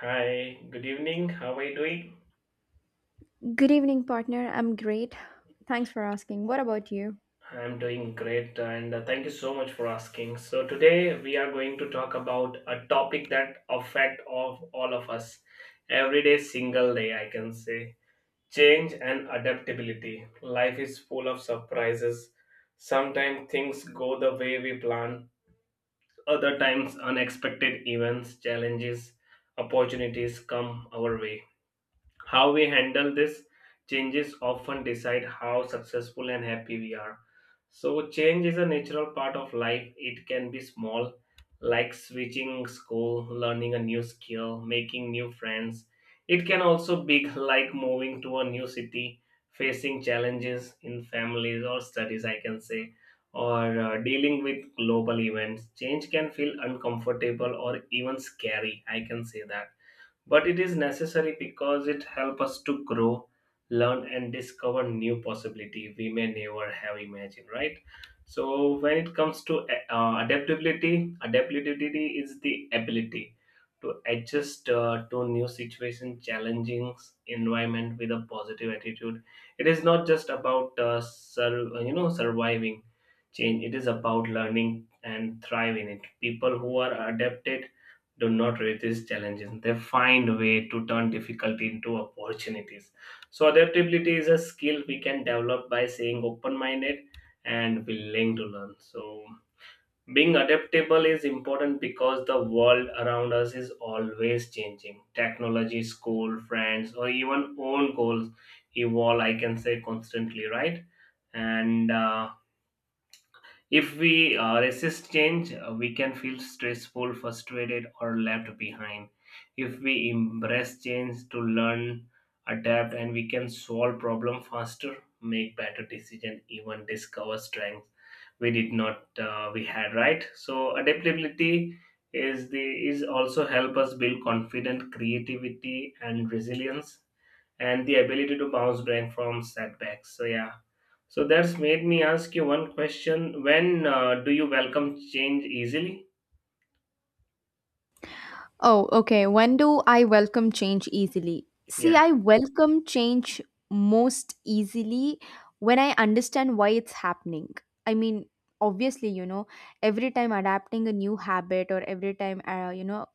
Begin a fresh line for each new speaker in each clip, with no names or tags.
Hi, good evening. How are you doing?
Good evening, partner. I'm great. Thanks for asking. What about you?
I'm doing great and thank you so much for asking. So today we are going to talk about a topic that affect of all of us everyday single day I can say. Change and adaptability. Life is full of surprises. Sometimes things go the way we plan, other times unexpected events, challenges, opportunities come our way. How we handle this changes often decide how successful and happy we are. So change is a natural part of life. It can be small, like switching school, learning a new skill, making new friends. It can also be big, like moving to a new city, facing challenges in families or studies, I can say, or dealing with global events. Change can feel uncomfortable or even scary, I can say that, but it is necessary because it helps us to grow, learn, and discover new possibility we may never have imagined. Right. So when it comes to adaptability, adaptability is the ability to adjust to new situation, challenging environment with a positive attitude. It is not just about surviving change. It is about learning and thrive in it. People who are adapted do not resist challenges. They find a way to turn difficulty into opportunities. So adaptability is a skill we can develop by staying open-minded and willing to learn. So being adaptable is important because the world around us is always changing. Technology, school, friends, or even own goals evolve, I can say constantly, right? And if we resist change, we can feel stressful, frustrated, or left behind. If we embrace change to learn, adapt, and we can solve problem faster, make better decision, even discover strength we did not we had. Right. So adaptability is also help us build confidence, creativity, and resilience and the ability to bounce back from setbacks. So yeah, so that's made me ask you one question: when do you welcome change easily?
Oh, okay. When do I welcome change easily? See,
Yeah.
I welcome change most easily when I understand why it's happening. I mean, obviously, you know, every time adapting a new habit or every time, you know,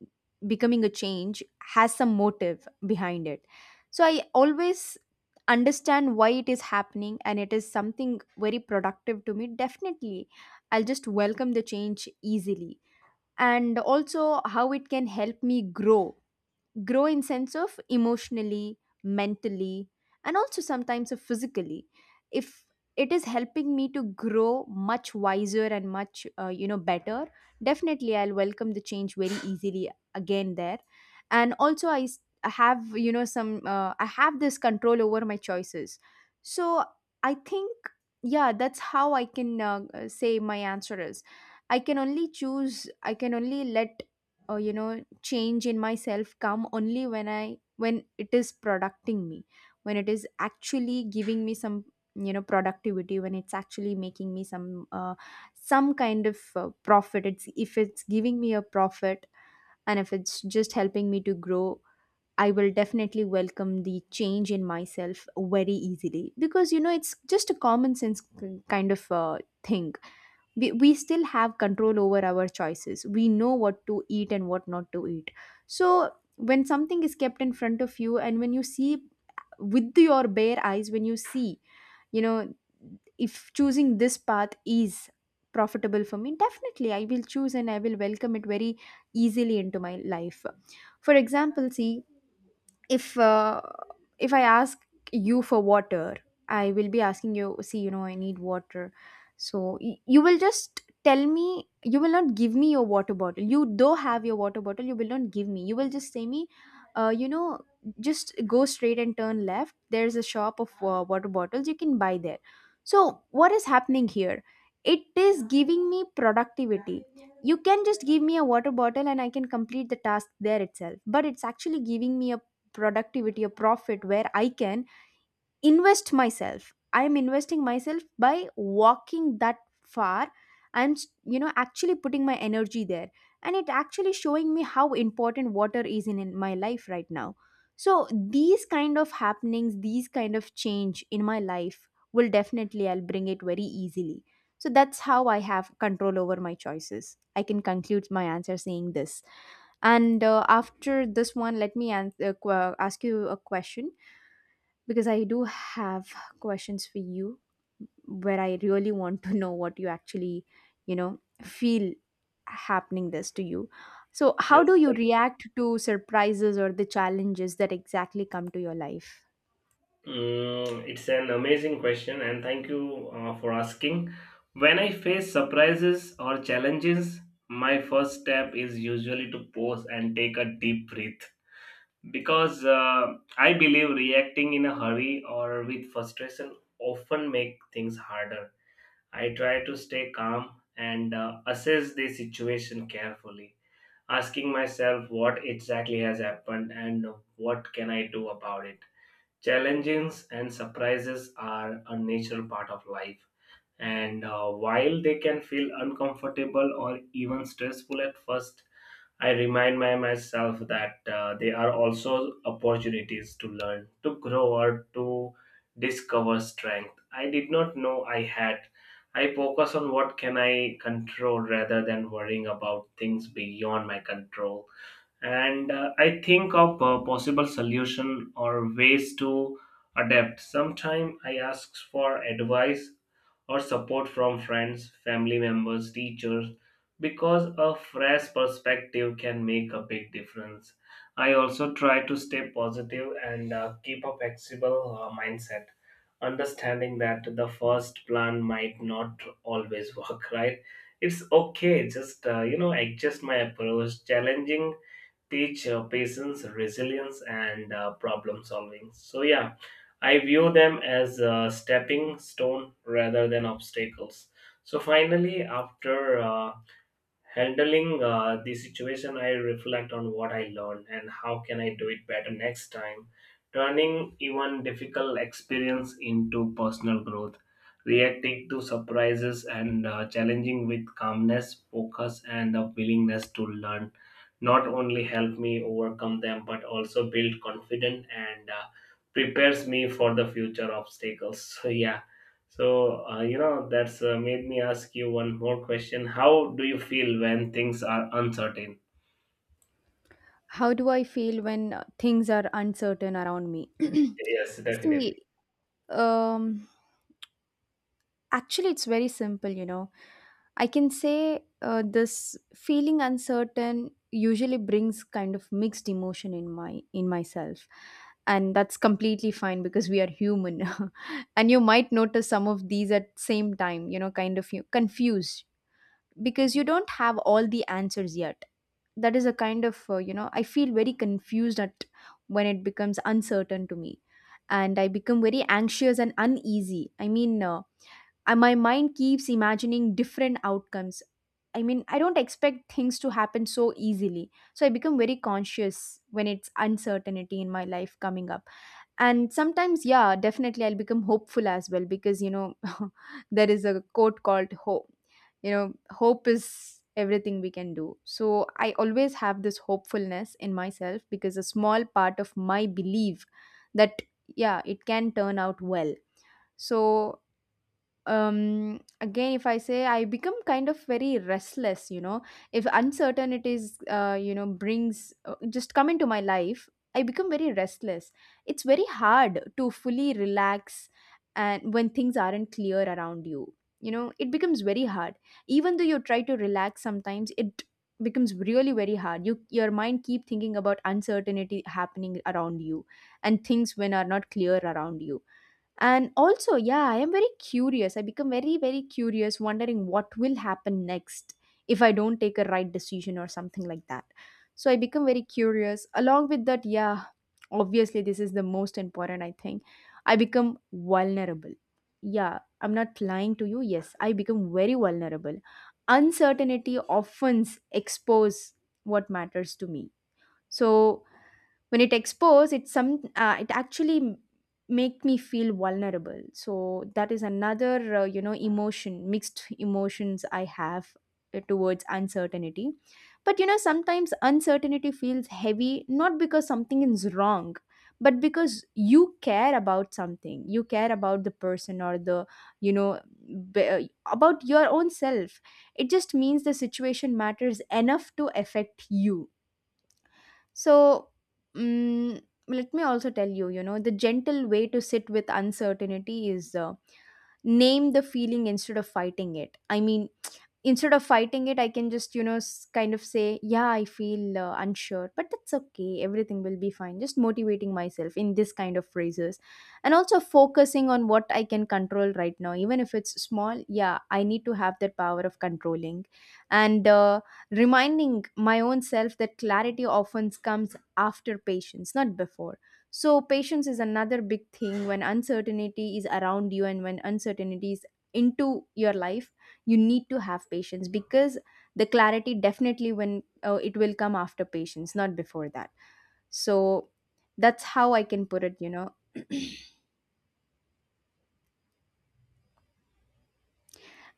becoming a change has some motive behind it. So I always understand why it is happening and it is something very productive to me. Definitely, I'll just welcome the change easily and also how it can help me grow grow in sense of emotionally mentally and also sometimes of physically if it is helping me to grow much wiser and much you know better. Definitely I'll welcome the change very easily again there. And also I have you know some I have this control over my choices. So I think yeah, that's how I can say my answer is I can only choose, I can only let you know change in myself come only when I when it is producting me, when it is actually giving me some you know productivity, when it's actually making me some kind of profit. It's if it's giving me a profit and if it's just helping me to grow, I will definitely welcome the change in myself very easily because you know it's just a common sense kind of thing. We still have control over our choices. We know what to eat and what not to eat. So when something is kept in front of you and when you see with your bare eyes, when you see you know if choosing this path is profitable for me, definitely I will choose and I will welcome it very easily into my life. For example, see if uh, if I ask you for water, I will be asking you. See, you know, I need water. So you will just tell me, you will not give me your water bottle. You though have your water bottle, you will not give me, you will just say me you know just go straight and turn left, there's a shop of water bottles, you can buy there. So what is happening here? It is giving me productivity. You can just give me a water bottle and I can complete the task there itself, but it's actually giving me a productivity or profit where I can invest myself. I am investing myself by walking that far and you know actually putting my energy there, and it actually showing me how important water is in my life right now. So these kind of happenings, these kind of change in my life, will definitely I'll bring it very easily. So that's how I have control over my choices. I can conclude my answer saying this. And after this one, let me ask you a question because I do have questions for you where I really want to know what you actually, you know, feel happening this to you. So, how
Yes.
do you react to surprises or the challenges that exactly come to your life?
Mm, it's an amazing question, and thank you for asking. When I face surprises or challenges, my first step is usually to pause and take a deep breath because I believe reacting in a hurry or with frustration often make things harder. I try to stay calm and assess the situation carefully, asking myself what exactly has happened and what can I do about it. Challenges and surprises are a natural part of life, and while they can feel uncomfortable or even stressful at first, I remind my myself that they are also opportunities to learn, to grow, or to discover strength I did not know I had. I focus on what can I control rather than worrying about things beyond my control, and I think of a possible solution or ways to adapt. Sometimes I ask for advice or support from friends, family members, teachers, because a fresh perspective can make a big difference. I also try to stay positive and keep a flexible mindset, understanding that the first plan might not always work right. It's okay, just adjust my approach. Challenging teach patience, resilience, and problem solving. So, yeah, I view them as a stepping stone rather than obstacles. So, finally, after handling the situation, I reflect on what I learned and how can I do it better next time, turning even difficult experience into personal growth. Reacting to surprises and challenging with calmness, focus, and a willingness to learn not only help me overcome them but also build confidence and prepares me for the future obstacles. So yeah, so, that's made me ask you one more question. How do you feel when things are uncertain?
How do I feel when things are uncertain around me?
Yes, definitely.
See, um, actually, it's very simple, you know. I can say this feeling uncertain usually brings kind of mixed emotion in my in myself, and that's completely fine because we are human. And you might notice some of these at same time, you know, kind of you confused because you don't have all the answers yet. That is a kind of you know, I feel very confused at when it becomes uncertain to me. And I become very anxious and uneasy. I mean and my mind keeps imagining different outcomes. I mean, I don't expect things to happen so easily, so I become very conscious when it's uncertainty in my life coming up. And sometimes yeah, definitely I'll become hopeful as well because you know there is a quote called hope. You know, hope is everything we can do, so I always have this hopefulness in myself because a small part of my belief that yeah, it can turn out well. So again if I say I become kind of very restless, you know, if uncertainties you know brings just come into my life, I become very restless. It's very hard to fully relax, and when things aren't clear around you, you know it becomes very hard. Even though you try to relax, sometimes it becomes really very hard. You your mind keep thinking about uncertainty happening around you and things when are not clear around you. And also yeah, I am very curious. I become very very curious wondering what will happen next if I don't take a right decision or something like that. So I become very curious along with that. Yeah, obviously this is the most important I think. I become vulnerable. Yeah, I'm not lying to you. Yes, I become very vulnerable. Uncertainty often expose what matters to me. So when it expose it some make me feel vulnerable. So that is another you know emotion, mixed emotions I have towards uncertainty. But you know sometimes uncertainty feels heavy not because something is wrong, but because you care about something. You care about the person or the you know b- uh, about your own self. It just means the situation matters enough to affect you. So, mm, let me also tell you, you know, the gentle way to sit with uncertainty is name the feeling instead of fighting it. I mean, instead of fighting it, I can just, you know, kind of say, yeah, I feel unsure, but that's okay. Everything will be fine. Just motivating myself in this kind of phrases, and also focusing on what I can control right now, even if it's small. Yeah, I need to have that power of controlling, and reminding my own self that clarity often comes after patience, not before. So, patience is another big thing when uncertainty is around you and when uncertainty is into your life. You need to have patience because the clarity definitely when it will come after patience, not before that. So that's how I can put it, you know.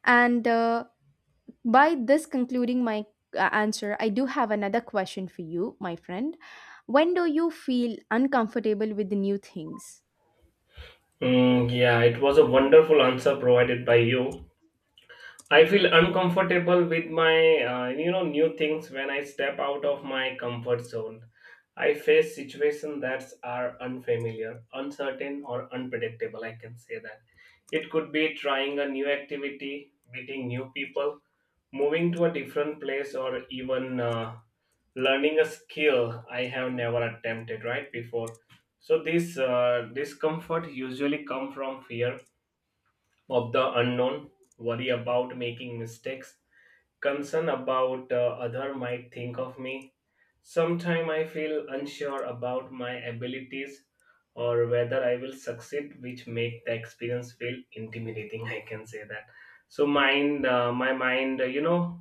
And by this concluding my answer, I do have another question for you my friend. When do you feel uncomfortable with the new things?
Mm, yeah, it was a wonderful answer provided by you. I feel uncomfortable with my, new things when I step out of my comfort zone. I face situations that are unfamiliar, uncertain, or unpredictable. I can say that. It could be trying a new activity, meeting new people, moving to a different place, or even learning a skill I have never attempted right before. So this discomfort usually come from fear of the unknown, worry about making mistakes, concern about other might think of me. Sometimes I feel unsure about my abilities or whether I will succeed, which make the experience feel intimidating. I can say that. So mind, my mind, you know,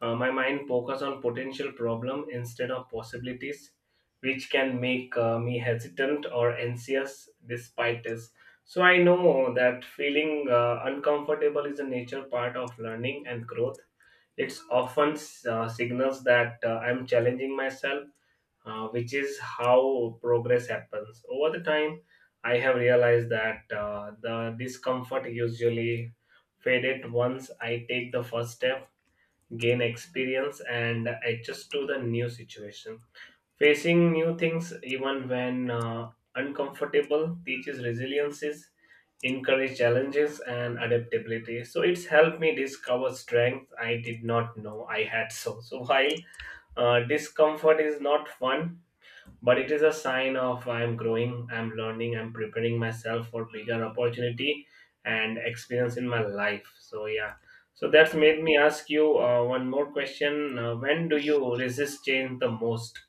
my mind focus on potential problem instead of possibilities, which can make me hesitant or anxious despite this. So I know that feeling uncomfortable is a nature part of learning and growth. It's often signals that I'm challenging myself, which is how progress happens. Over the time, I have realized that the discomfort usually faded once I take the first step, gain experience, and adjust to the new situation. Facing new things, even when uncomfortable, teaches resiliences, encourage challenges, and adaptability. So it's helped me discover strength I did not know I had. So, so while discomfort is not fun, but it is a sign of I'm growing, I'm learning, I'm preparing myself for bigger opportunity and experience in my life. So yeah, so that's made me ask you one more question: when do you resist change the most?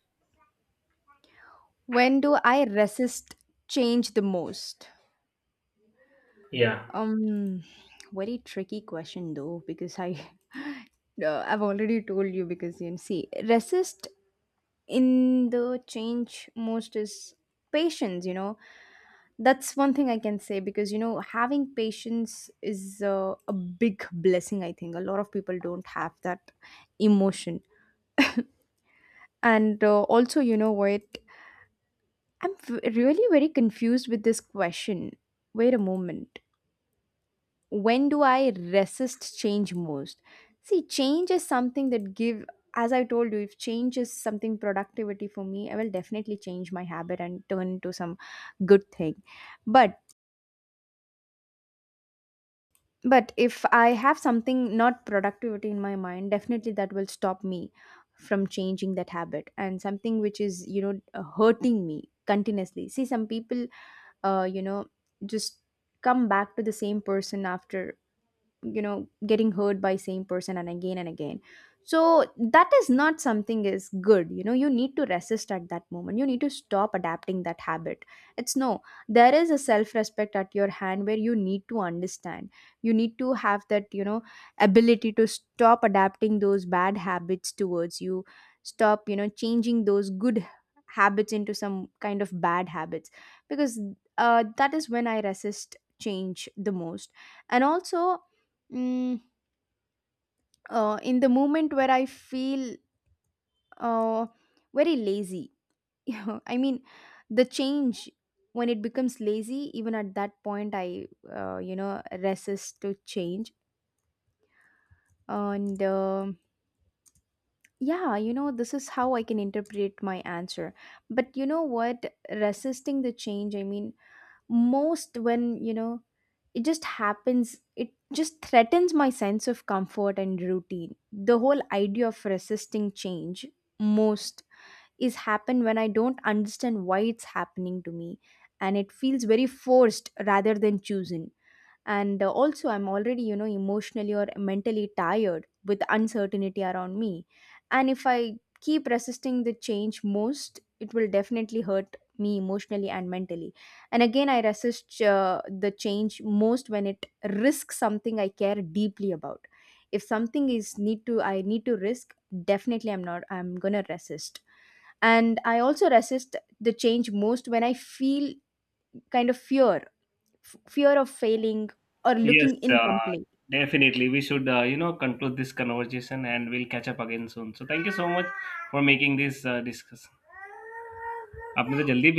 When do I resist change the most?
Yeah.
um very tricky question though because I I've already told you because you know, see resist in the change most is patience, you know. That's one thing I can say because you know having patience is a big blessing. I think a lot of people don't have that emotion. And also you know what, I'm really very confused with this question. Wait a moment. When do I resist change most? See, change is something that give, as I told you, if change is something productivity for me, I will definitely change my habit and turn into some good thing. but but if I have something not productivity in my mind, definitely that will stop me from changing that habit, and something which is you know hurting me continuously. See, some people you know just come back to the same person after you know getting hurt by same person, and again and again. So that is not something is good, you know. You need to resist at that moment. You need to stop adapting that habit. It's no, there is a self respect at your hand where you need to understand, you need to have that you know ability to stop adapting those bad habits towards you, stop you know changing those good habits into some kind of bad habits, because that is when I resist change the most. And also, Mm, in the moment where I feel uh, very lazy. You know, I mean, the change when it becomes lazy, even at that point, I, you know, resist to change. And yeah, you know, this is how I can interpret my answer. But you know what? Resisting the change, I mean, most when you know it just happens, it just threatens my sense of comfort and routine. The whole idea of resisting change most is happen when I don't understand why it's happening to me, and it feels very forced rather than chosen. And also I'm already you know emotionally or mentally tired with uncertainty around me, and if I keep resisting the change most, it will definitely hurt me emotionally and mentally. And again, I resist the change most when it risks something I care deeply about. If something is need to I need to risk, definitely I'm not I'm gonna resist. And I also resist the change most when I feel kind of fear, fear of failing or
Yes,
looking incomplete.
definitely. We should, conclude this conversation and we'll catch up again soon. So thank you so much for making this discussion. आपने तो जल्दी